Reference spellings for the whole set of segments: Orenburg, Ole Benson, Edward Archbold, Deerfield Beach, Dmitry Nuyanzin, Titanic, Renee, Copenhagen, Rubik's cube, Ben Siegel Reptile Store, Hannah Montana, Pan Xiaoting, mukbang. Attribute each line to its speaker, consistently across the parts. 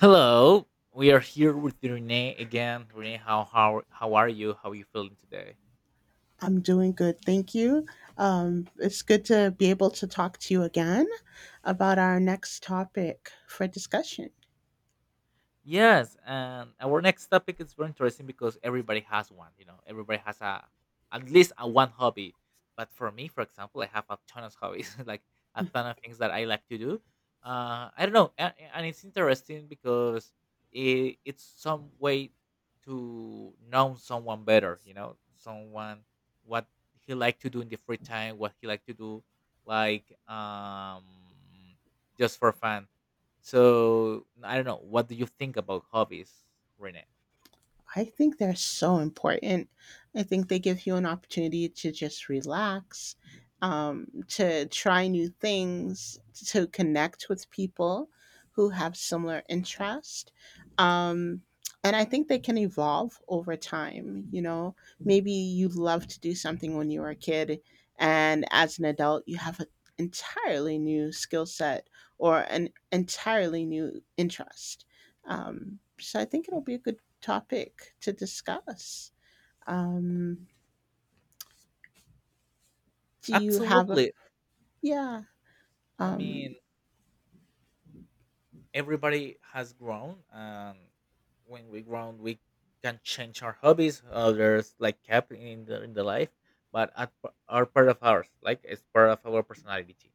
Speaker 1: Hello, we are here with Renee again. Renee, how are you? How are you feeling today?
Speaker 2: I'm doing good. Thank you. It's good to be able to talk to you again about our next topic for discussion.
Speaker 1: Yes, and our next topic is very interesting because everybody has one. You know, everybody has a at least a one hobby. But for me, for example, I have a ton of hobbies, like a ton of things that I like to do. I don't know, and it's interesting because it's some way to know someone better. You know, someone what he like to do in the free time, what he like to do, like just for fun so I don't know. What do you think about hobbies, Renee?
Speaker 2: I think they're so important. I think they give you an opportunity to just relax, to try new things, to connect with people who have similar interest. Um, and I think they can evolve over time. You know, maybe you love to do something when you were a kid, and as an adult, you have an entirely new skill set or an entirely new interest. So I think it'll be a good topic to discuss. Um, do you have a
Speaker 1: Absolutely.
Speaker 2: yeah?
Speaker 1: I mean,
Speaker 2: Um,
Speaker 1: everybody has grown, and when we grown, we can change our hobbies. Others like kept in the life, but at, are part of ours. Like it's part of our personality.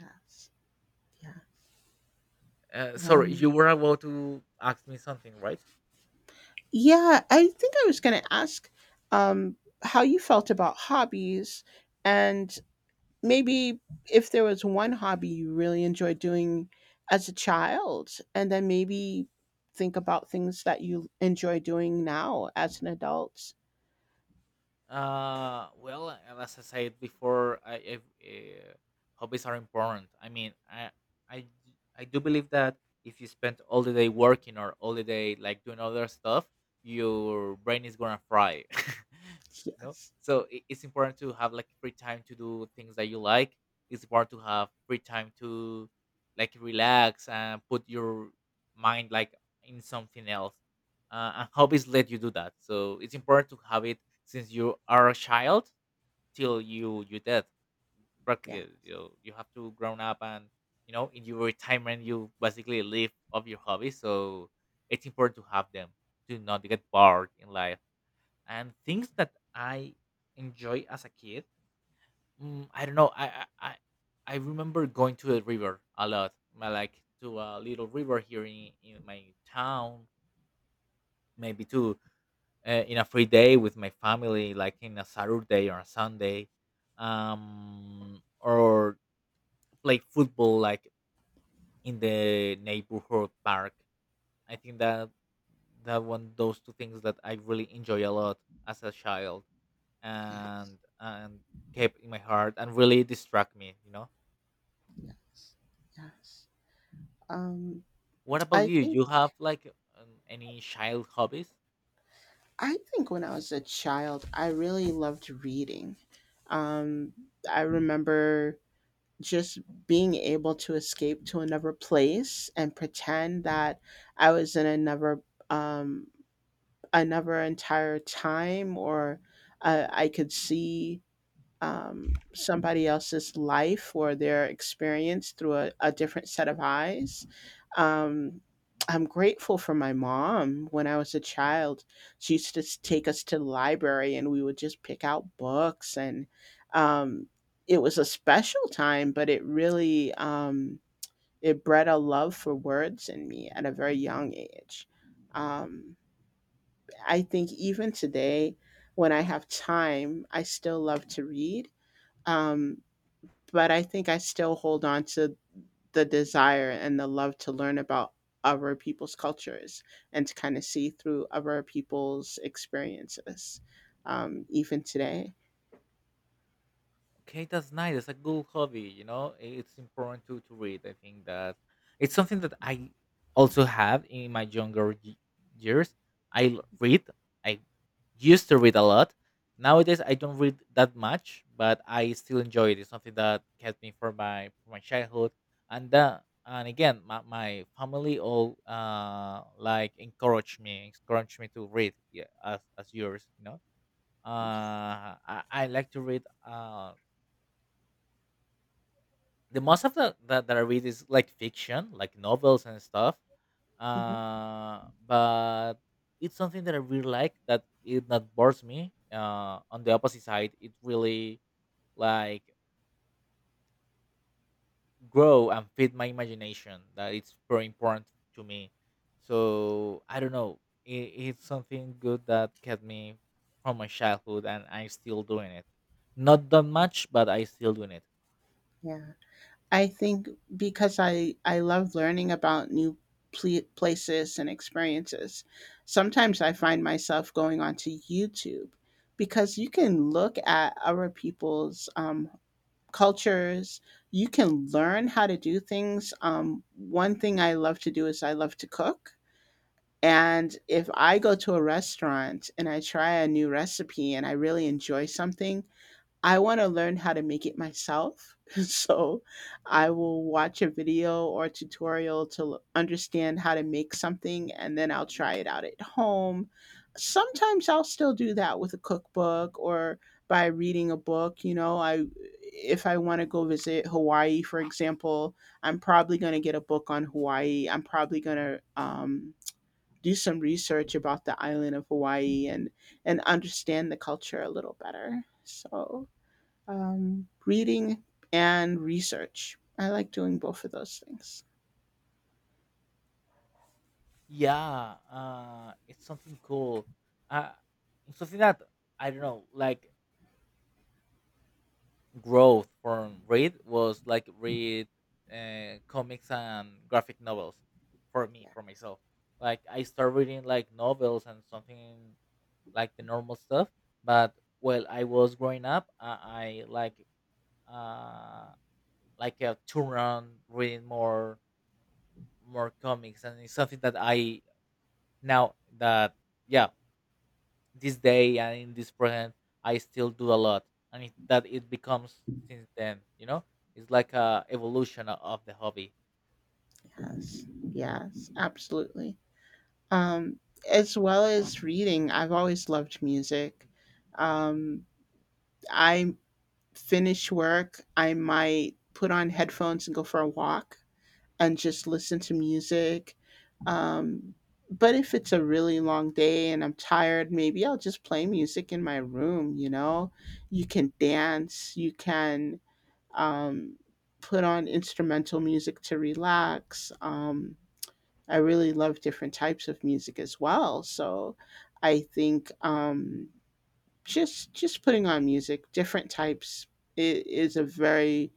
Speaker 2: yes, yeah,
Speaker 1: Sorry, you
Speaker 2: um,
Speaker 1: were about to ask me something, right?
Speaker 2: yeah. I think I was going to ask um, how you felt about hobbies, and maybe if there was one hobby you really enjoyed doing as a child, and then maybe think about things that you enjoy doing now as an adult.
Speaker 1: Well, and as I said before, I uh, hobbies are important. I mean, I do believe that if you spend all the day working or all the day like doing other stuff, your brain is gonna fry. No,
Speaker 2: Yes,
Speaker 1: so it's important to have like free time to do things that you like. It's important to have free time to like relax and put your mind like in something else and hobbies let you do that. So it's important to have it since you are a child till you dead.
Speaker 2: yeah,
Speaker 1: Practically, you have to grown up and you know in your retirement you basically live of your hobbies. So it's important to have them to not get bored in life. And things that I enjoy as a kid, I don't know. I remember going to a river a lot. My like to a little river here in my town, maybe to in a free day with my family, like in a Saturday or a Sunday, or play football like in the neighborhood park. I think that that one those two things that I really enjoy a lot as a child and kept in my heart and really distract me, you know.
Speaker 2: yes, yes. Um,
Speaker 1: What about
Speaker 2: I
Speaker 1: you?
Speaker 2: think.
Speaker 1: You have like any child hobbies?
Speaker 2: I think when I was a child, I really loved reading. Um, I remember just being able to escape to another place and pretend that I was in um, another entire time, or I could see somebody else's life or their experience through a different set of eyes. Um, I'm grateful for my mom. When I was a child, she used to take us to the library and we would just pick out books. And um, it was a special time, but it really it bred a love for words in me at a very young age. Um, I think even today, when I have time, I still love to read. Um, but I think I still hold on to the desire and the love to learn about other people's cultures and to kind of see through other people's experiences, even today.
Speaker 1: Okay, that's nice. It's a good hobby. You know, it's important to read. I think that it's something that I also have in my younger years. Read. I used to read a lot. Nowadays, I don't read that much, but I still enjoy it. It's something that kept me from my childhood, and that and again, my family all like encourage me to read. Yeah, as yours, you know. I like to read. The most of the that, that I read is like fiction, like novels and stuff.
Speaker 2: Mhm.
Speaker 1: But it's something that I really like that it not bores me. On the opposite side, it really like grow and feed my imagination. That it's very important to me. So I don't know. It's something good that kept me from my childhood, and I'm still doing it. Not that
Speaker 2: Yeah.
Speaker 1: much, but I still doing it.
Speaker 2: Yeah. I think because I love learning about new places and experiences, sometimes I find myself going onto YouTube because you can look at other people's cultures. You can learn how to do things. One thing I love to do is I love to cook. And if I go to a restaurant and I try a new recipe and I really enjoy something, I want to learn how to make it myself. So I will watch a video or a tutorial to understand how to make something and then I'll try it out at home. Sometimes I'll still do that with a cookbook or by reading a book, you know, I if I want to go visit Hawaii, for example, I'm probably going to get a book on Hawaii. I'm probably going to do some research about the island of Hawaii and understand the culture a little better. So reading and research. I like doing both of those things.
Speaker 1: Yeah, it's something cool. Uh, it's something that I don't know, like growth from read was like read comics and graphic novels for me, for myself. Like I started reading like novels and something like the normal stuff, but while I was growing up, I uh like a turn on reading more comics, and it's something that I now that yeah this day and in this present I still do a lot and that it becomes since then, you know, it's like a evolution of the hobby.
Speaker 2: Yes, yes, absolutely. Um, as well as reading, I've always loved music. Um, I finish work, I might put on headphones and go for a walk and just listen to music. Um, but if it's a really long day and I'm tired, maybe I'll just play music in my room, you know? You can dance, you can um, put on instrumental music to relax. I really love different types of music as well. So I think just putting on music, different types, i- is a very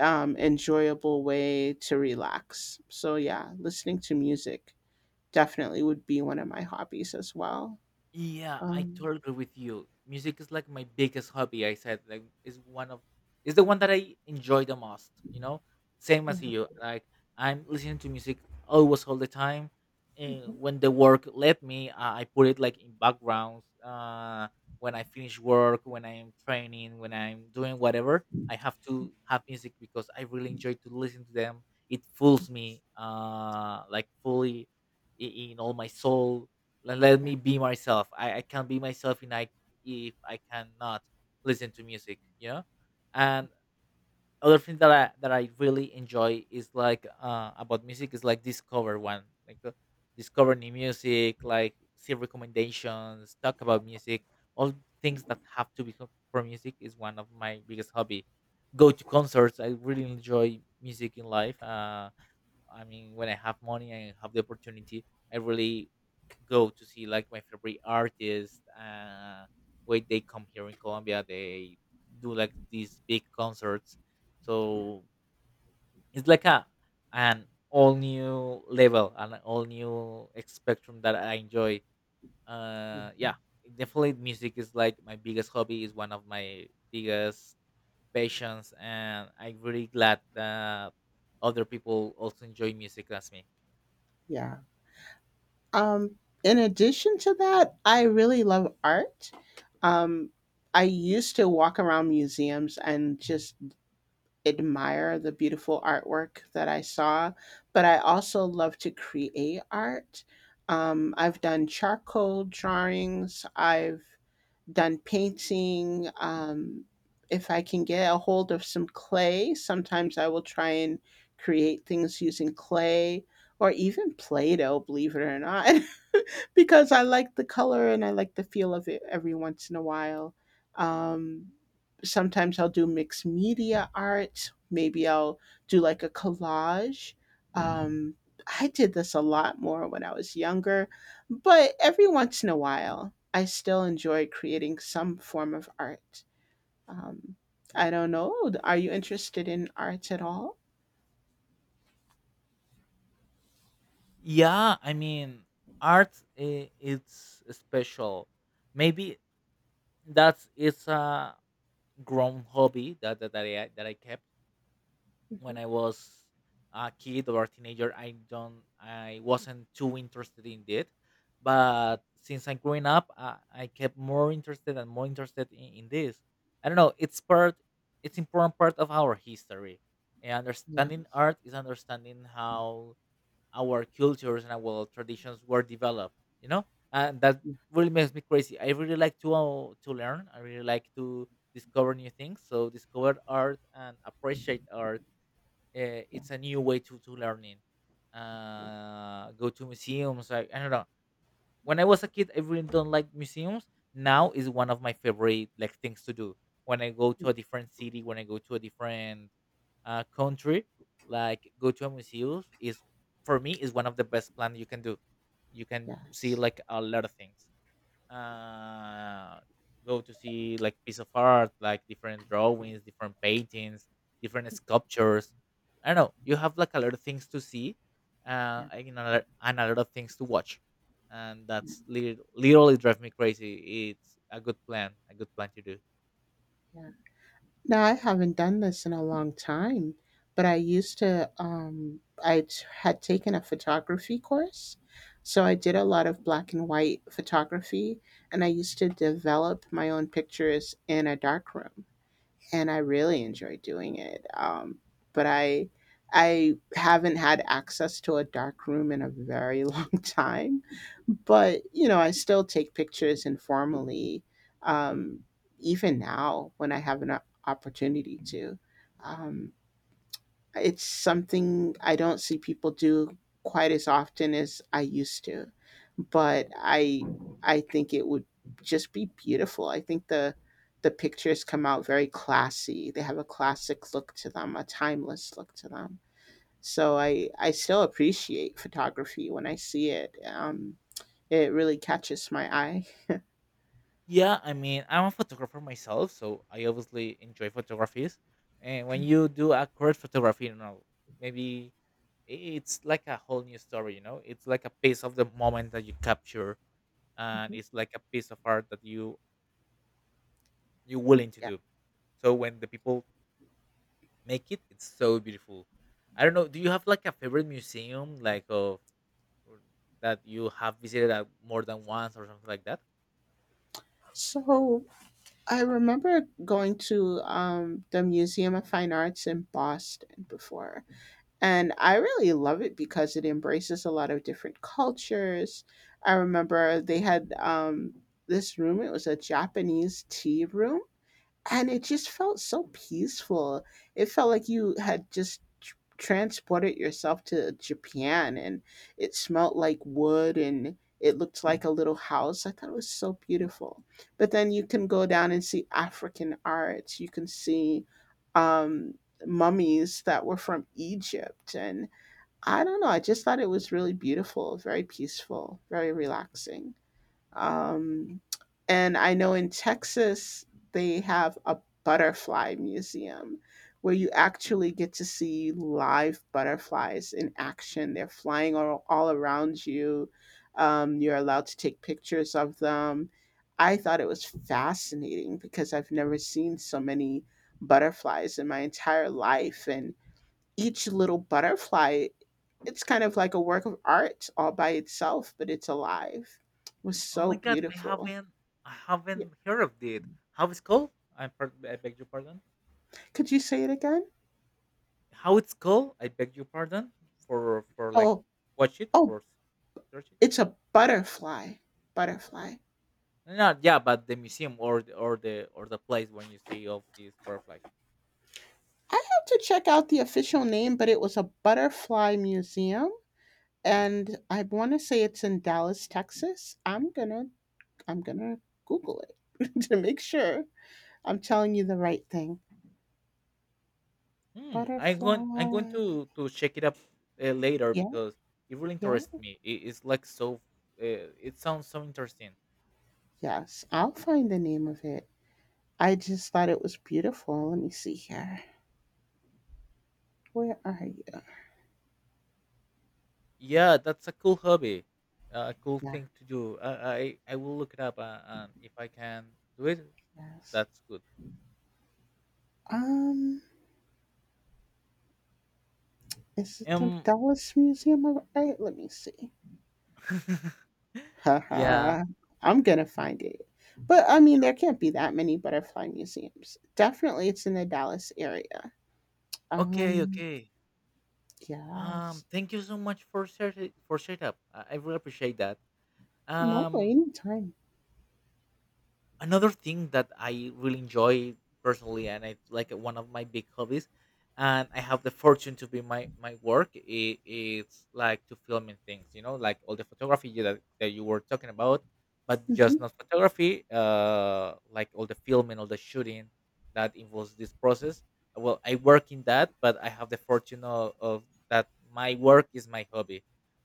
Speaker 2: enjoyable way to relax. So yeah, listening to music definitely would be one of my hobbies as well.
Speaker 1: Yeah, I
Speaker 2: Um,
Speaker 1: totally agree with you. Music is like my biggest hobby. I said like is one of is the one that I enjoy the most. You know, same
Speaker 2: yeah,
Speaker 1: as you. Like I'm listening to music always all the time. And when the work let me, I put it like in backgrounds. When I finish work, when I am training, when I'm doing whatever, I have to have music because I really enjoy to listen to them. It fools me, like fully in all my soul let me be myself. I can not be myself in if I cannot listen to music, you know. And other thing that i really enjoy is like about music is like discover one like discover new music, like see recommendations, talk about music, all things that have to be for music is one of my biggest hobby. Go to concerts, I really enjoy music in life. I mean, when I have money and have the opportunity, I really go to see like my favorite artists. When they come here in Colombia, they do like these big concerts. So it's like a an all new level, an all new spectrum that I enjoy.
Speaker 2: yeah,
Speaker 1: Yeah, definitely music is like my biggest hobby, is one of my biggest passions, and I'm really glad that other people also enjoy music as me.
Speaker 2: yeah. Um, in addition to that, I really love art. Um, I used to walk around museums and just admire the beautiful artwork that I saw, but I also love to create art. I've done charcoal drawings, I've done painting. If I can get a hold of some clay, sometimes I will try and create things using clay or even Play Doh, believe it or not. Because I like the color and I like the feel of it every once in a while. Um, Sometimes I'll do mixed media art. Maybe I'll do like a collage. Um, I did this a lot more when I was younger, but every once in a while, I still enjoy creating some form of art. Um, I don't know. Are you interested in art at all?
Speaker 1: Yeah, I mean, art it's special. Maybe that's it's a grown hobby that I kept when
Speaker 2: Mhm.
Speaker 1: I was a kid or a teenager. I wasn't too interested in it, but since I'm growing up, I kept more interested and more interested in this. I don't know. It's part. It's important part of our history. And
Speaker 2: Yeah,
Speaker 1: understanding art is understanding how our cultures and our traditions were developed, you know, and that
Speaker 2: yeah,
Speaker 1: really makes me crazy. I really like to learn. I really like to discover new things. So discover art and appreciate art,
Speaker 2: yeah,
Speaker 1: it's a new way to learning.
Speaker 2: yeah,
Speaker 1: Go to museums. I don't know. When I was a kid, I really don't like museums. Now is one of my favorite like things to do. When I go to a different city, when I go to a different country, like go to a museum is for me is one of the best plans you can do. You can
Speaker 2: yeah,
Speaker 1: see
Speaker 2: it's-
Speaker 1: like a lot of things, uh, go to see like piece of art, like different drawings, different paintings, different sculptures. I don't know. You have like a lot of things to see, and, you know, and a lot of things to watch, and that's literally drive me crazy. It's a good plan to do.
Speaker 2: yeah. Now I haven't done this in a long time, but I used to. Um, had taken a photography course, so I did a lot of black and white photography, and I used to develop my own pictures in a darkroom, and I really enjoy doing it. But I haven't had access to a dark room in a very long time. But you know, I still take pictures informally, um, even now when I have an opportunity to. Um, it's something I don't see people do quite as often as I used to, but I think it would just be beautiful. I think the pictures come out very classy. They have a classic look to them, a timeless look to them. So I still appreciate photography when I see it. It really catches my eye.
Speaker 1: Yeah, I mean, I'm a photographer myself, so I obviously enjoy photographies. And when you do accurate photography, you know, maybe i- it's like a whole new story, you know? It's like a piece of the moment that you capture and
Speaker 2: Mhm.
Speaker 1: it's like a piece of art that you're willing to
Speaker 2: Yeah.
Speaker 1: do. So when the people make it, it's so beautiful. I don't know, do you have like a favorite museum like of or that you have visited at more than once or something like that?
Speaker 2: So I remember going to the Museum of Fine Arts in Boston before, and I really love it because it embraces a lot of different cultures. I remember they had this room, it was a Japanese tea room and it just felt so peaceful. It felt like you had just transported yourself to Japan and it smelled like wood and it looked like a little house. I thought it was so beautiful. But then you can go down and see African arts. You can see um, mummies that were from Egypt. And I don't know. I just thought it was really beautiful, very peaceful, very relaxing. Um, and I know in Texas, they have a butterfly museum where you actually get to see live butterflies in action. They're flying all around you. You're allowed to take pictures of them. I thought it was fascinating because I've never seen so many butterflies in my entire life. And each little butterfly it's kind of like a work of art all by itself, but it's alive. It was
Speaker 1: Oh
Speaker 2: so
Speaker 1: my god,
Speaker 2: beautiful.
Speaker 1: I
Speaker 2: Yeah.
Speaker 1: haven't heard of it. How it's called? I beg your pardon.
Speaker 2: Could you say it again?
Speaker 1: How it's called? I beg your pardon for like
Speaker 2: Oh,
Speaker 1: watch it
Speaker 2: oh,
Speaker 1: search it up.
Speaker 2: it's a butterfly. Butterfly.
Speaker 1: No, yeah, but the museum or the place when you see of these butterflies.
Speaker 2: I have to check out the official name, but it was a butterfly museum, and I want to say it's in Dallas, Texas. I'm gonna Google it to make sure I'm telling you the right thing.
Speaker 1: Hmm, I'm going
Speaker 2: Butterfly.
Speaker 1: to check it up later
Speaker 2: Yeah,
Speaker 1: because it really
Speaker 2: yeah,
Speaker 1: interests me. It's like so. It sounds so interesting.
Speaker 2: yes. I'll find the name of it. I just thought it was beautiful. Let me see here. Where are you?
Speaker 1: Yeah, that's a cool hobby, a cool
Speaker 2: Yeah,
Speaker 1: thing to do. I will look it up, and if I can do it,
Speaker 2: yes.
Speaker 1: that's good.
Speaker 2: Um, is it the
Speaker 1: Um,
Speaker 2: Dallas Museum of Art? Let me see.
Speaker 1: yeah.
Speaker 2: Haha, I'm gonna find it. But I mean, there can't be that many butterfly museums. Definitely, it's in the Dallas area.
Speaker 1: Okay,
Speaker 2: Um,
Speaker 1: okay.
Speaker 2: yes.
Speaker 1: Thank you so much for share for setup. I really appreciate that.
Speaker 2: No,
Speaker 1: Um,
Speaker 2: anytime.
Speaker 1: another thing that I really enjoy personally, and I like it, one of my big hobbies, and I have the fortune to be my work. It's like to filming things, you know, like all the photography that that you were talking about, but just
Speaker 2: Mhm.
Speaker 1: not photography. Like all the filming, all the shooting that involves this process. Well, I work in that, but I have the fortune of that my work is my hobby.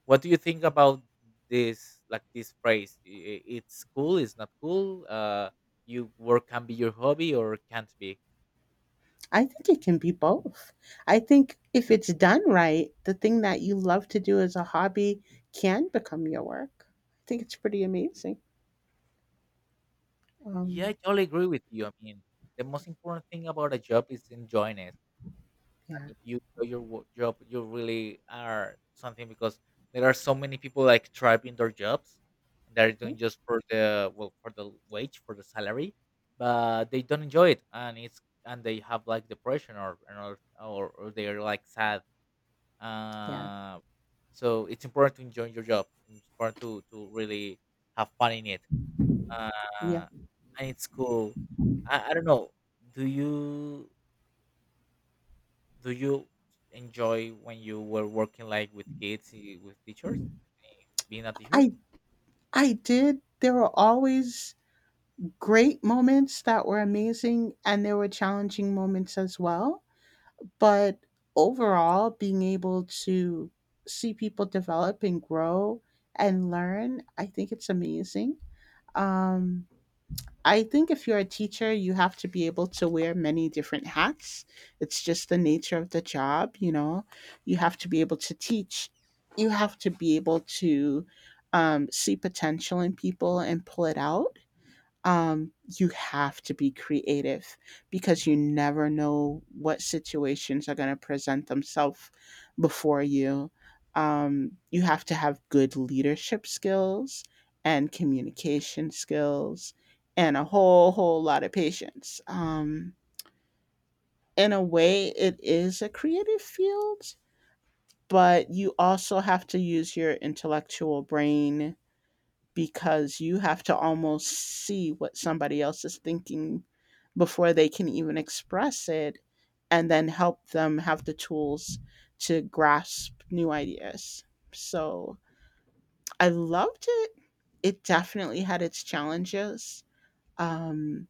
Speaker 1: What do you think about this, like this phrase? It's cool, it's not cool. You work can be your hobby or can't be.
Speaker 2: I think it can be both. I think if it's done right, the thing that you love to do as a hobby can become your work. I think it's pretty amazing.
Speaker 1: Yeah, I
Speaker 2: Um,
Speaker 1: totally agree with you. I mean, the most important thing about a job is enjoying it. And
Speaker 2: yeah,
Speaker 1: if you enjoy your job, you really are something because there are so many people like thriving their jobs. They're
Speaker 2: mhm,
Speaker 1: doing just for the for the wage for the salary, but they don't enjoy it, and it's and they have like depression or they're like sad.
Speaker 2: yeah,
Speaker 1: Uh, so it's important to enjoy your job. And it's important to really have fun in it.
Speaker 2: yeah.
Speaker 1: Uh, and it's cool. I don't know. Do you do you enjoy when you were working like with kids, eh, with teachers being a teacher?
Speaker 2: I I did. There were always great moments that were amazing, and there were challenging moments as well. But overall, being able to see people develop and grow and learn, I think it's amazing. Um, I think if you're a teacher, you have to be able to wear many different hats. It's just the nature of the job, you know. You have to be able to teach. You have to be able to see potential in people and pull it out. You have to be creative because you never know what situations are going to present themselves before you. You have to have good leadership skills and communication skills and a whole lot of patience. In a way, it is a creative field, but you also have to use your intellectual brain because you have to almost see what somebody else is thinking before they can even express it and then help them have the tools to grasp new ideas. So I loved it. It definitely had its challenges. Um,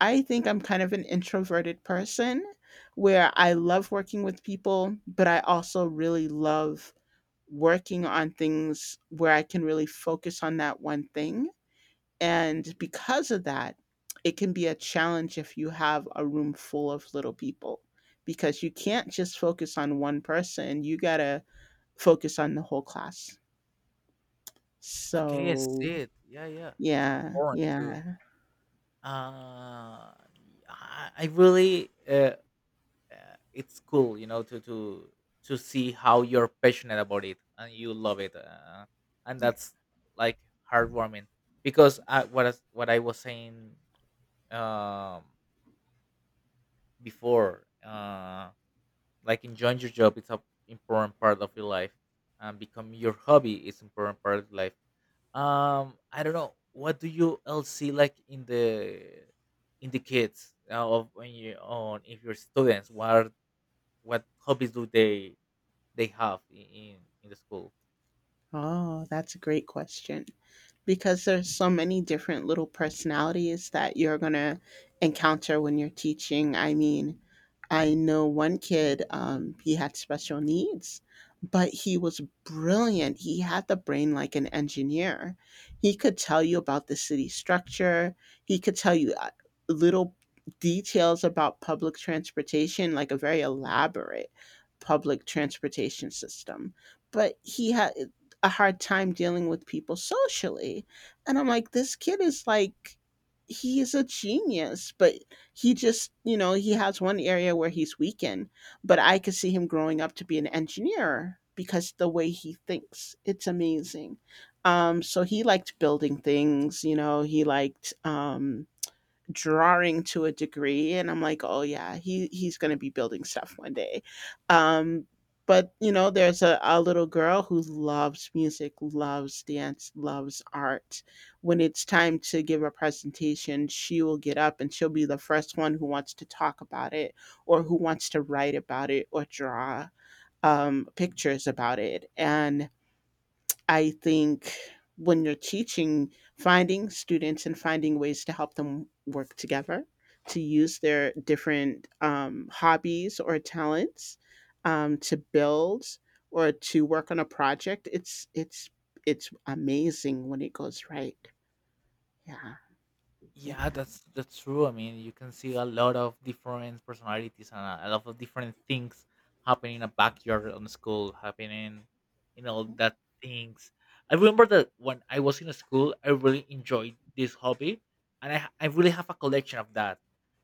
Speaker 2: I think I'm kind of an introverted person where I love working with people, but I also really love working on things where I can really focus on that one thing. And because of that, it can be a challenge if you have a room full of little people because you can't just focus on one person. You got to focus on the whole class.
Speaker 1: Okay, yes,
Speaker 2: So,
Speaker 1: it. Yeah, yeah. It's
Speaker 2: yeah,
Speaker 1: important to.
Speaker 2: yeah.
Speaker 1: Uh, I really it's cool, to see how you're passionate about it and you love it, and that's like heartwarming, because what I was saying um before like enjoying your job, it's a important part of your life, and become your hobby is important part of life. I don't know, what do you else see like in the kids, of when you on if you're students? What hobbies do they have in the school.
Speaker 2: Oh, that's a great question, because there's so many different little personalities that you're going to encounter when you're teaching. I mean, I know one kid, he had special needs, but he was brilliant. He had the brain like an engineer. He could tell you about the city structure, he could tell you little details about public transportation, like a very elaborate public transportation system. But he had a hard time dealing with people socially. And I'm like, this kid is like, he is a genius, but he just, you know, he has one area where he's weak in. But I could see him growing up to be an engineer because the way he thinks, it's amazing. So he liked building things, you know, he liked, drawing to a degree. And I'm like, oh yeah, he's going to be building stuff one day. um but you know, there's a little girl who loves music, loves dance, loves art. When it's time to give a presentation, she will get up and she'll be the first one who wants to talk about it or who wants to write about it or draw pictures about it. And I think when you're teaching, finding students and finding ways to help them work together, to use their different hobbies or talents to build or to work on a project, it's it's amazing when it goes right. Yeah, yeah.
Speaker 1: Yeah, that's true. I mean, you can see a lot of different personalities and a lot of different things happening in a backyard on the school, happening in all that things. I remember that when I was in school, I really enjoyed this hobby, and I really have a collection of that.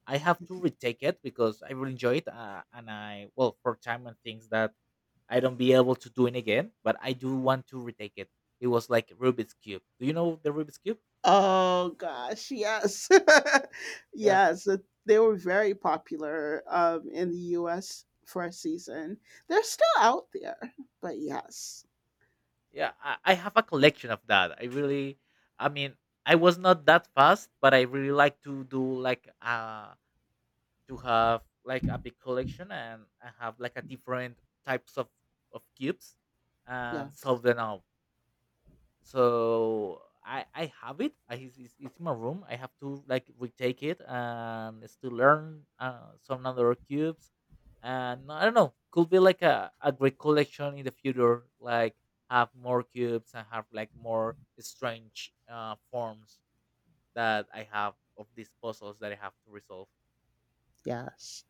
Speaker 1: I have to retake it because I really enjoy it, and I for time and things that I don't be able to do it again, but I do want to retake it. It was like Rubik's cube. Do you know the Rubik's cube?
Speaker 2: Oh gosh, yes,
Speaker 1: Yeah,
Speaker 2: yes. They were very popular in the U.S. for a season. They're still out there, but yes.
Speaker 1: yeah, I have a collection of that. I really, I mean, I was not that fast, but I really like to do like, to have like a big collection. And I have like a different types of cubes and solve
Speaker 2: Yes.
Speaker 1: them out. So I have it. It's, it's in my room. I have to like retake it and still learn, some other cubes. And I don't know, could be like a great collection in the future. Like have more cubes and have like more strange, forms that I have of these puzzles that I have to resolve.
Speaker 2: Yes.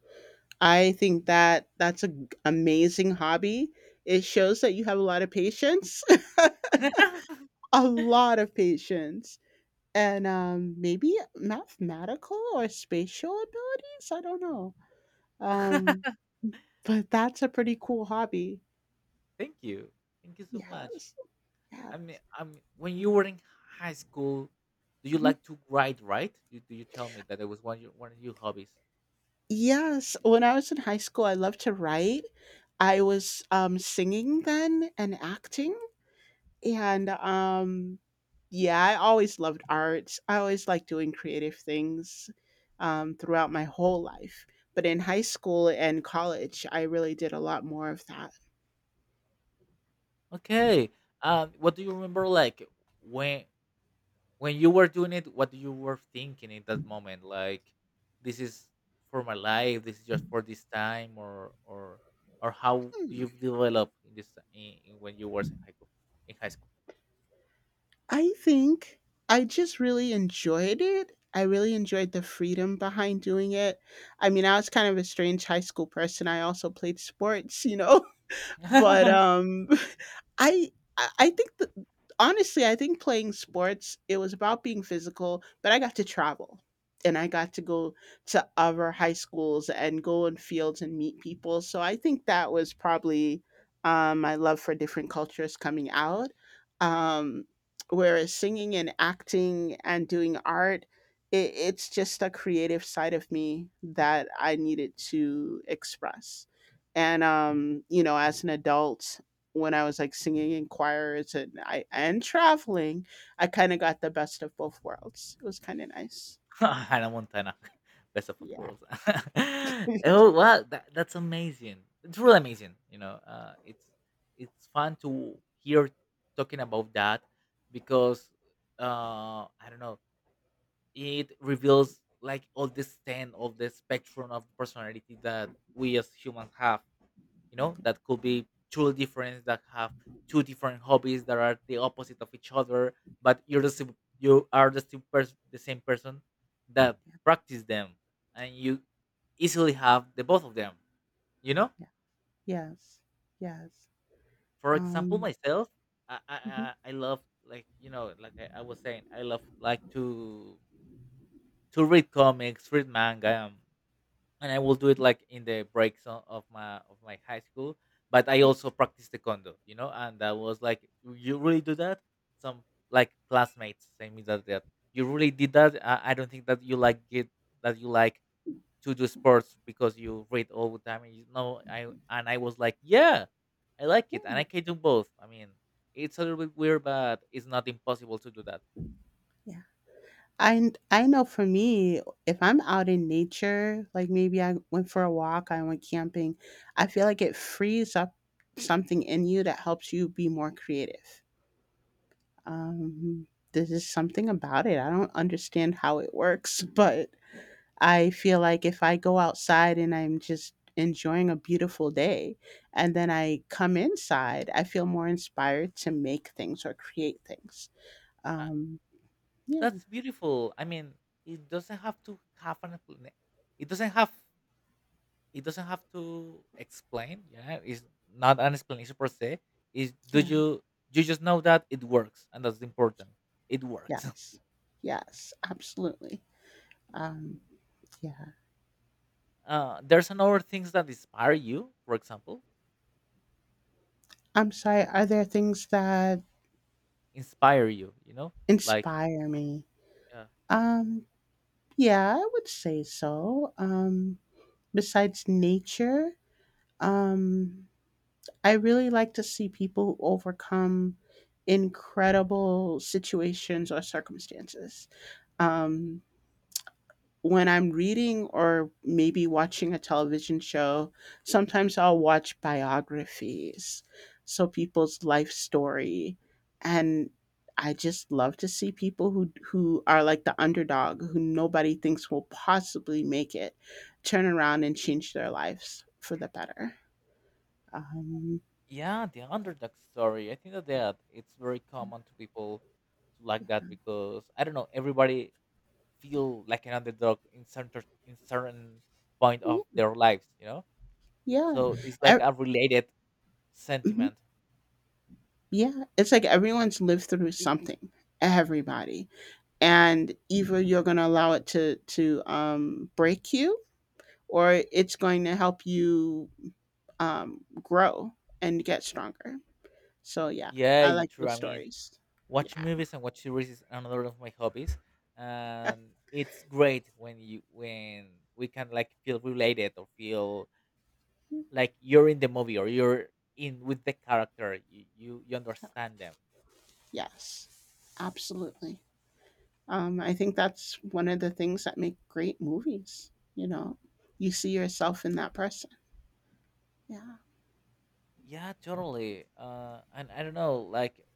Speaker 2: I think that that's an amazing hobby. It shows that you have a lot of patience, a lot of patience, and maybe mathematical or spatial abilities. I don't know. Um, but that's a pretty cool hobby.
Speaker 1: Thank you. Thank you so much.
Speaker 2: Yes.
Speaker 1: I mean,
Speaker 2: Yes.
Speaker 1: I mean, when you were in high school, do you
Speaker 2: Mhm.
Speaker 1: like to write? Right? You, do you tell me that it was one of your hobbies?
Speaker 2: Yes. When I was in high school, I loved to write. I was singing then and acting. And yeah, I always loved arts. I always liked doing creative things throughout my whole life. But in high school and college, I really did a lot more of that.
Speaker 1: Okay. What do you remember? Like when you were doing it, what you were thinking in that moment? Like this is for my life. This is just for this time, or how do
Speaker 2: Hmm.
Speaker 1: you develop in this in when you were in high school? In
Speaker 2: I think I just really enjoyed it. I really enjoyed the freedom behind doing it. I mean, I was kind of a strange high school person. I also played sports, you know,
Speaker 1: high
Speaker 2: but
Speaker 1: school.
Speaker 2: I I think that honestly, I think playing sports, it was about being physical, but I got to travel and I got to go to other high schools and go in fields and meet people. So I think that was probably my love for different cultures coming out. Um, Whereas singing and acting and doing art, it's just a creative side of me that I needed to express. And, you know, as an adult, when I was like singing in choirs and I and traveling, I kind of got the best of both worlds. It was kind of nice.
Speaker 1: Hannah Montana, best of both
Speaker 2: Yeah.
Speaker 1: worlds.
Speaker 2: yeah.
Speaker 1: Oh wow, that's amazing. It's really amazing. You know, it's fun to hear talking about that because I don't know, it reveals like all the stand of the spectrum of personality that we as humans have, you know? That could be two different that have two different hobbies that are the opposite of each other, but you're the same, you are the same, the same person that practice them. And you easily have the both of them, you know.
Speaker 2: Yeah. Yes. Yes.
Speaker 1: For example,
Speaker 2: Um.
Speaker 1: myself, i i,
Speaker 2: Mhm.
Speaker 1: I I love, like, you know, like I was saying, I love like to read comics, read manga. And I will do it like in the breaks of my high school. But I also practice taekwondo, you know, and I was like, "You really do that?" Some like classmates say me that you really did that. I don't think that you like it, that you like to do sports because you read all the time. And you know, I was like, yeah, I like it, and
Speaker 2: Yeah.
Speaker 1: I can do both. I mean, it's a little bit weird, but it's not impossible to do that.
Speaker 2: Yeah. I know for me, if I'm out in nature, like maybe I went for a walk, I went camping, I feel like it frees up something in you that helps you be more creative. Um, there's just something about it. I don't understand how it works, but I feel like if I go outside and I'm just enjoying a beautiful day and then I come inside, I feel more inspired to make things or create things.
Speaker 1: Uh,
Speaker 2: Um, yeah,
Speaker 1: that's beautiful. I mean, it doesn't have to have an. It doesn't have It doesn't have to explain, yeah. It's not an explanation per se. Is do
Speaker 2: yeah,
Speaker 1: you you just know that it works, and that's important. It works.
Speaker 2: yes, yes, absolutely. Um, yeah.
Speaker 1: There's another things that inspire you, for example,
Speaker 2: I'm sorry, are there things that
Speaker 1: inspire you, you know? Like,
Speaker 2: inspire me?
Speaker 1: yeah.
Speaker 2: Um, yeah, I would say so. Besides nature, um, I really like to see people who overcome incredible situations or circumstances. Um, when I'm reading or maybe watching a television show, sometimes I'll watch biographies, so people's life story, and I just love to see people who are like the underdog, who nobody thinks will possibly make it, turn around and change their lives for the better. Um,
Speaker 1: Yeah, the underdog story. I think that that it's very common to people to like that, because I don't know, everybody feel like an underdog in certain point
Speaker 2: yeah.
Speaker 1: of their lives, you know?
Speaker 2: Yeah.
Speaker 1: So it's like
Speaker 2: Ev
Speaker 1: a related
Speaker 2: Mhm.
Speaker 1: sentiment.
Speaker 2: Yeah, it's like everyone's lived through something, everybody. And either you're gonna allow it to break you, or it's going to help you, grow and get stronger. So, yeah,
Speaker 1: Yeah,
Speaker 2: I
Speaker 1: you
Speaker 2: like
Speaker 1: true.
Speaker 2: those
Speaker 1: I mean,
Speaker 2: stories.
Speaker 1: watch
Speaker 2: Yeah.
Speaker 1: movies and watch series is another of my hobbies, and it's great when you when we can like feel related or feel like you're in the movie, or you're in with the character. You understand them.
Speaker 2: Yes. Absolutely. I think that's one of the things that make great movies, you know? You see yourself in that person. Yeah.
Speaker 1: Yeah, totally. And I don't know, like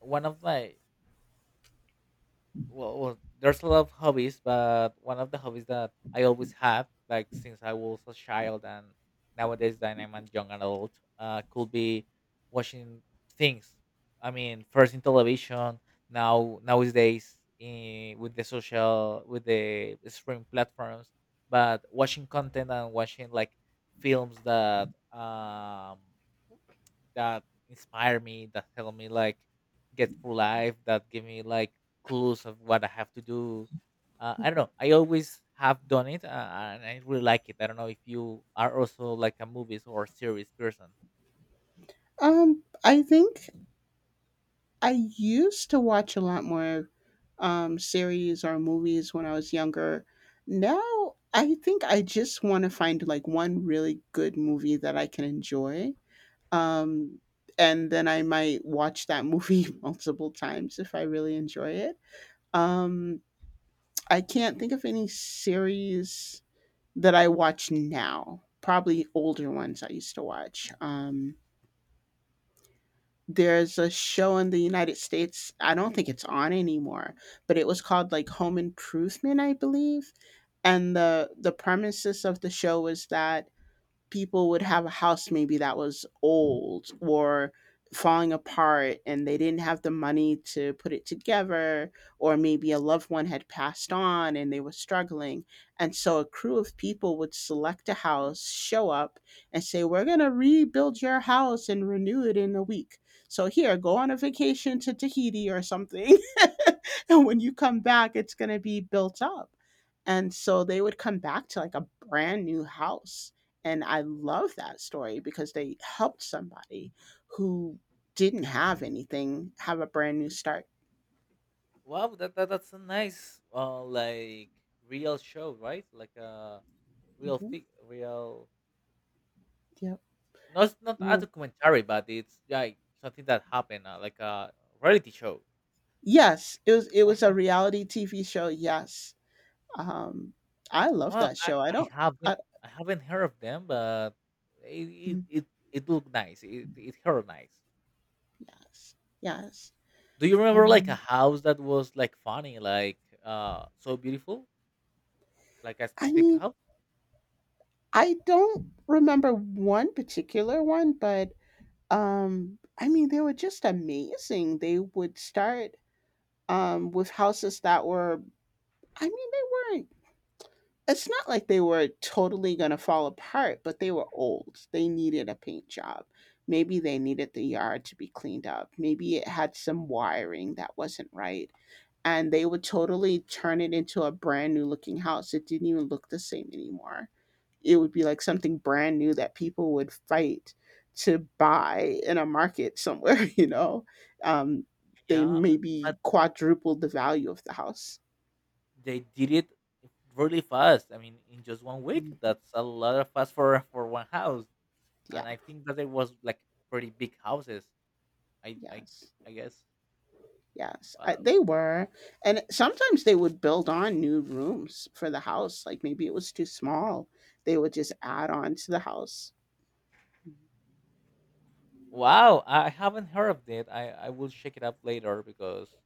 Speaker 1: one of my well, there's a lot of hobbies, but one of the hobbies that I always have like since I was a child, and nowadays that I'm a young adult, could be watching things. I mean, first in television, now nowadays with the social with the streaming platforms. But watching content, and watching like films that um that inspire me, that help me like get through life, that give me like clues of what I have to do. I don't know. I always have done it, and I really like it. I don't know if you are also like a movies or series person.
Speaker 2: I think I used to watch a lot more series or movies when I was younger. Now I think I just want to find like one really good movie that I can enjoy. Um, and then I might watch that movie multiple times if I really enjoy it. Um, I can't think of any series that I watch now. Probably older ones I used to watch. There's a show in the United States, I don't think it's on anymore, but it was called like Home Improvement, I believe. And the premises of the show was that people would have a house maybe that was old or falling apart and they didn't have the money to put it together, or maybe a loved one had passed on and they were struggling, and so a crew of people would select a house, show up and say we're going to rebuild your house and renew it in a week, so here, go on a vacation to Tahiti or something, and when you come back it's going to be built up. And so they would come back to like a brand new house, and I love that story because they helped somebody who didn't have anything have a brand new start.
Speaker 1: Wow, that that's a nice, like real show, right? Like a real
Speaker 2: Mhm.
Speaker 1: real,
Speaker 2: Yep.
Speaker 1: no, it's not a
Speaker 2: Um,
Speaker 1: documentary, but it's like something that happened, like a reality show.
Speaker 2: yes, it was a reality TV show. Yes. Um, I love
Speaker 1: Well,
Speaker 2: that show. I
Speaker 1: I
Speaker 2: don't.
Speaker 1: haven't
Speaker 2: I,
Speaker 1: I haven't heard of them, but
Speaker 2: mm,
Speaker 1: it looked nice. It heard nice.
Speaker 2: yes. Yes.
Speaker 1: Do you remember like a
Speaker 2: Um,
Speaker 1: house that was like funny, like, so beautiful, like a
Speaker 2: I
Speaker 1: specific
Speaker 2: mean,
Speaker 1: house?
Speaker 2: I don't remember one particular one, but I mean, they were just amazing. They would start with houses that were, I mean, they it's not like they were totally gonna fall apart, but they were old. They needed a paint job. Maybe they needed the yard to be cleaned up. Maybe it had some wiring that wasn't right. And they would totally turn it into a brand new looking house. It didn't even look the same anymore. It would be like something brand new that people would fight to buy in a market somewhere, you know? Um, they
Speaker 1: Yeah,
Speaker 2: maybe
Speaker 1: but
Speaker 2: quadrupled the value of the house.
Speaker 1: they did it really fast. I mean, in just 1 week,
Speaker 2: Mhm.
Speaker 1: that's a lot of fast for one house.
Speaker 2: Yeah,
Speaker 1: And I think that it was like pretty big houses. I I
Speaker 2: yes.
Speaker 1: I guess.
Speaker 2: Yes, I
Speaker 1: Wow.
Speaker 2: they were, and sometimes they would build on new rooms for the house, like, maybe it was too small, they would just add on to the house. Mhm.
Speaker 1: Wow, I haven't heard of that. I will check it up later, because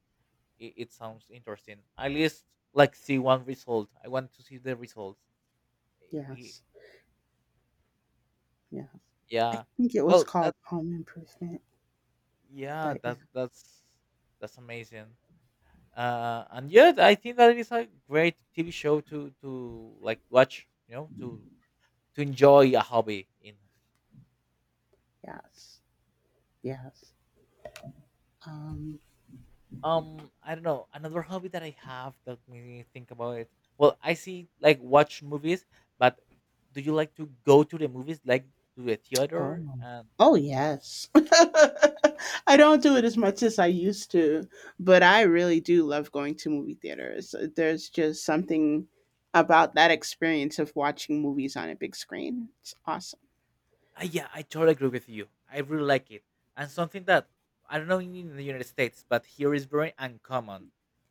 Speaker 1: it sounds interesting. At least like see one result. I want to see the results. Y-
Speaker 2: Yes, yeah. I
Speaker 1: Yeah.
Speaker 2: think it was
Speaker 1: Well, that
Speaker 2: called Home Improvement,
Speaker 1: yeah,
Speaker 2: but yeah,
Speaker 1: that's amazing. And yeah, I think that is a great TV show to like watch. You know, to enjoy a hobby in.
Speaker 2: yes, yes. Um,
Speaker 1: I don't know, another hobby that I have that made me think about it. Well, I see like watch movies, but do you like to go to the movies, like to the
Speaker 2: oh.
Speaker 1: theater and,
Speaker 2: Oh, yes. I don't do it as much as I used to, but I really do love going to movie theaters. There's just something about that experience of watching movies on a big screen. It's awesome.
Speaker 1: Yeah, I totally agree with you. I really like it. And something that I don't know in the United States, but here is very uncommon,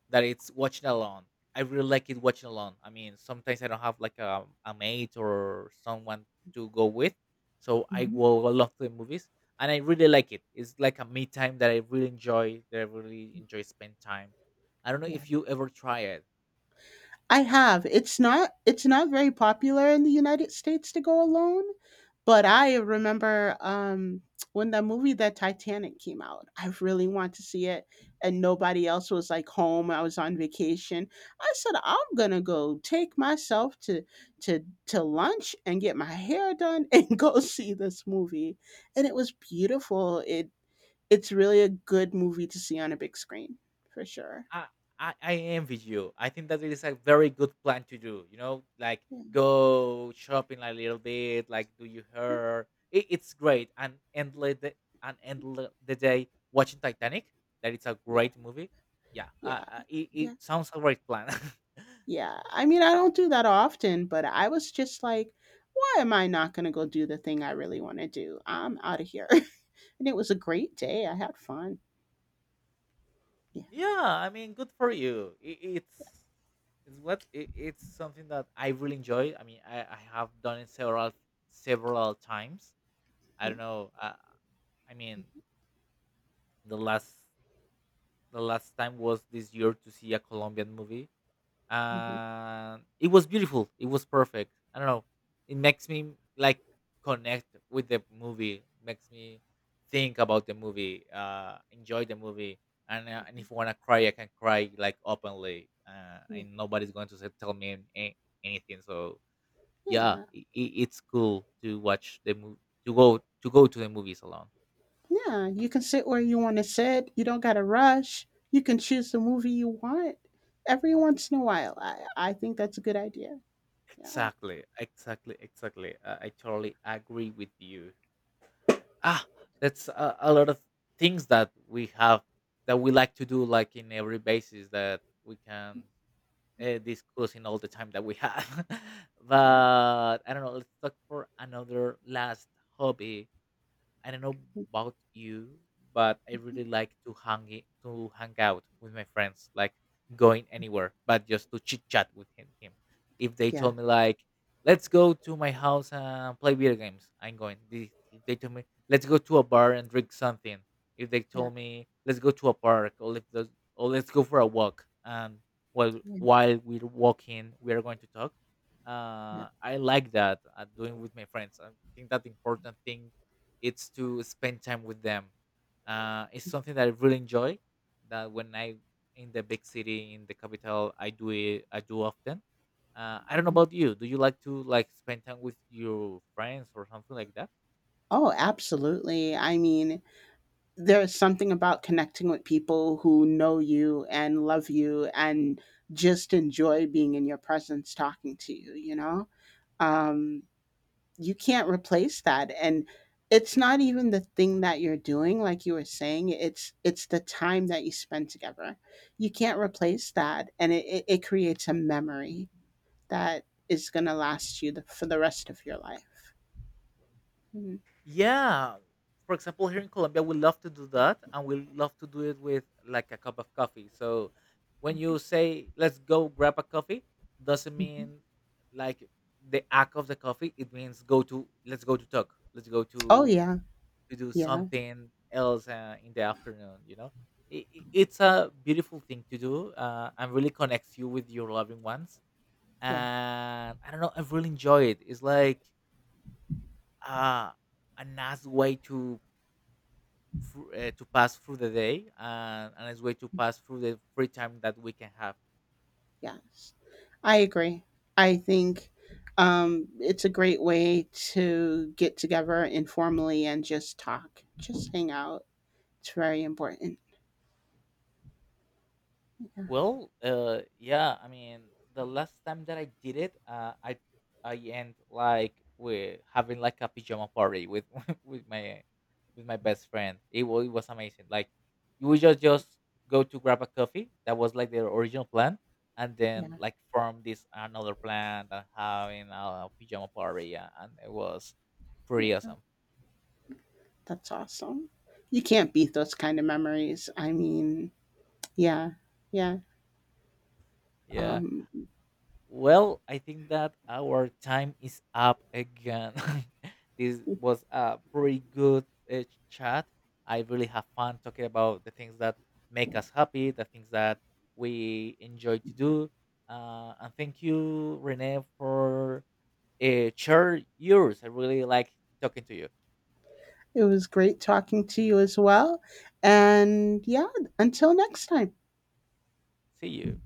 Speaker 1: that it's watching alone. I really like it watching alone. I mean, sometimes I don't have like a mate or someone to go with, so I
Speaker 2: Mhm.
Speaker 1: go along to the movies, and I really like it. It's like a me time that I really enjoy. That I really enjoy spend time. I don't know
Speaker 2: Yeah.
Speaker 1: if you ever try it.
Speaker 2: I have. It's not very popular in the United States to go alone, but I remember, when the movie The Titanic came out, I really wanted to see it and nobody else was, like, home, I was on vacation. I said, "I'm gonna go take myself to to lunch and get my hair done and go see this movie," and it was beautiful. It it's really a good movie to see on a big screen for sure.
Speaker 1: I, I envy you. I think that it is a very good plan to do. You know, like
Speaker 2: Yeah.
Speaker 1: go shopping a little bit, like do your
Speaker 2: Mm.
Speaker 1: hair. It's great and endless the, and the day watching Titanic. That it's a
Speaker 2: Yeah,
Speaker 1: great movie. Yeah,
Speaker 2: yeah,
Speaker 1: it, it
Speaker 2: yeah.
Speaker 1: sounds a great plan.
Speaker 2: Yeah, I mean, I don't do that often, but I was just like, "Why am I not gonna go do the thing I really wanna do? I'm out of here." And it was a great day, I had fun. Yeah.
Speaker 1: Yeah, I mean, good for you. It's what it, it's something that I really enjoy. I mean, I have done it several times. I don't
Speaker 2: Mm,
Speaker 1: know. I mean, the last the last time was this year to see a Colombian movie,
Speaker 2: mhm,
Speaker 1: and it was beautiful. It was perfect. I don't know. It makes me like connect with the movie. Makes me think about the movie. Enjoy the movie. And if I wanna cry, I can cry like openly,
Speaker 2: yeah,
Speaker 1: and nobody's going to say, tell me any, anything. So yeah,
Speaker 2: yeah,
Speaker 1: it's cool to watch the movie, to go to the movies alone.
Speaker 2: yeah, you can sit where you wanna sit, you don't gotta rush, you can choose the movie you want. Every once in a while, I think that's a good idea. Yeah,
Speaker 1: Exactly, exactly, exactly. I totally agree with you. Ah, that's a lot of things that we have that we like to do like in every basis that we can, discuss in all the time that we have.
Speaker 2: yeah,
Speaker 1: But I don't know, let's talk for another last hobby. I don't know about you, but I really like to hang to hang out with my friends, like going anywhere, but just to chit chat with him. If they
Speaker 2: yeah,
Speaker 1: told me like, let's go to my house and play video games, I'm going. If they told me let's go to a bar and drink something, if they
Speaker 2: yeah,
Speaker 1: told me let's go to a park, or let's go for a walk, and
Speaker 2: yeah,
Speaker 1: while we're walking, we are going to talk.
Speaker 2: yeah,
Speaker 1: I like that, doing with my friends. I think that important thing it's to spend time with them. It's something that I really enjoy. That when I in the big city in the capital, I do it. I do often. I don't know
Speaker 2: mhm.
Speaker 1: about you. Do you like to like spend time with your friends or something like that?
Speaker 2: Oh, absolutely, I mean there's something about connecting with people who know you and love you and just enjoy being in your presence talking to you, you know, um you can't replace that, and it's not even the thing that you're doing, like you were saying, it's the time that you spend together. You can't replace that, and it creates a memory that is going to last you for the rest of your life. Mhm.
Speaker 1: Yeah. For example, here in Colombia, we love to do that, and we love to do it with like a cup of coffee. So when you say let's go grab a coffee, doesn't
Speaker 2: Mhm.
Speaker 1: mean like the act of the coffee. It means go to, let's go to talk. Let's go
Speaker 2: Oh
Speaker 1: to
Speaker 2: yeah,
Speaker 1: do
Speaker 2: yeah,
Speaker 1: something else, in the afternoon, you know. It's a beautiful thing to do, and really connects you with your loving ones.
Speaker 2: yeah.
Speaker 1: And I don't know, I really enjoy it. It's like, uh, a nice way to to pass through the day, and a nice way to pass through the free time that we can have.
Speaker 2: Yes, I agree. I think it's a great way to get together informally and just talk, just hang out. It's very important.
Speaker 1: Well, yeah. I mean, the last time that I did it, I end like with having like a pajama party with with my with my best friend. It was amazing. Like you would just go to grab a coffee. That was like their original plan, and then
Speaker 2: Yeah,
Speaker 1: like form this another plan and having pajama party. Yeah, and it was
Speaker 2: yeah,
Speaker 1: pretty awesome.
Speaker 2: that's awesome. You can't beat those kind of memories. I mean, yeah, yeah.
Speaker 1: Yeah.
Speaker 2: Um,
Speaker 1: Well, I think that our time is up again. This was a pretty good, uh, chat. I really have fun talking about the things that make us happy, the things that we enjoy to do. And thank you, Renee, for, share yours. I really like talking to you.
Speaker 2: it was great talking to you as well. And yeah, until next time.
Speaker 1: See you.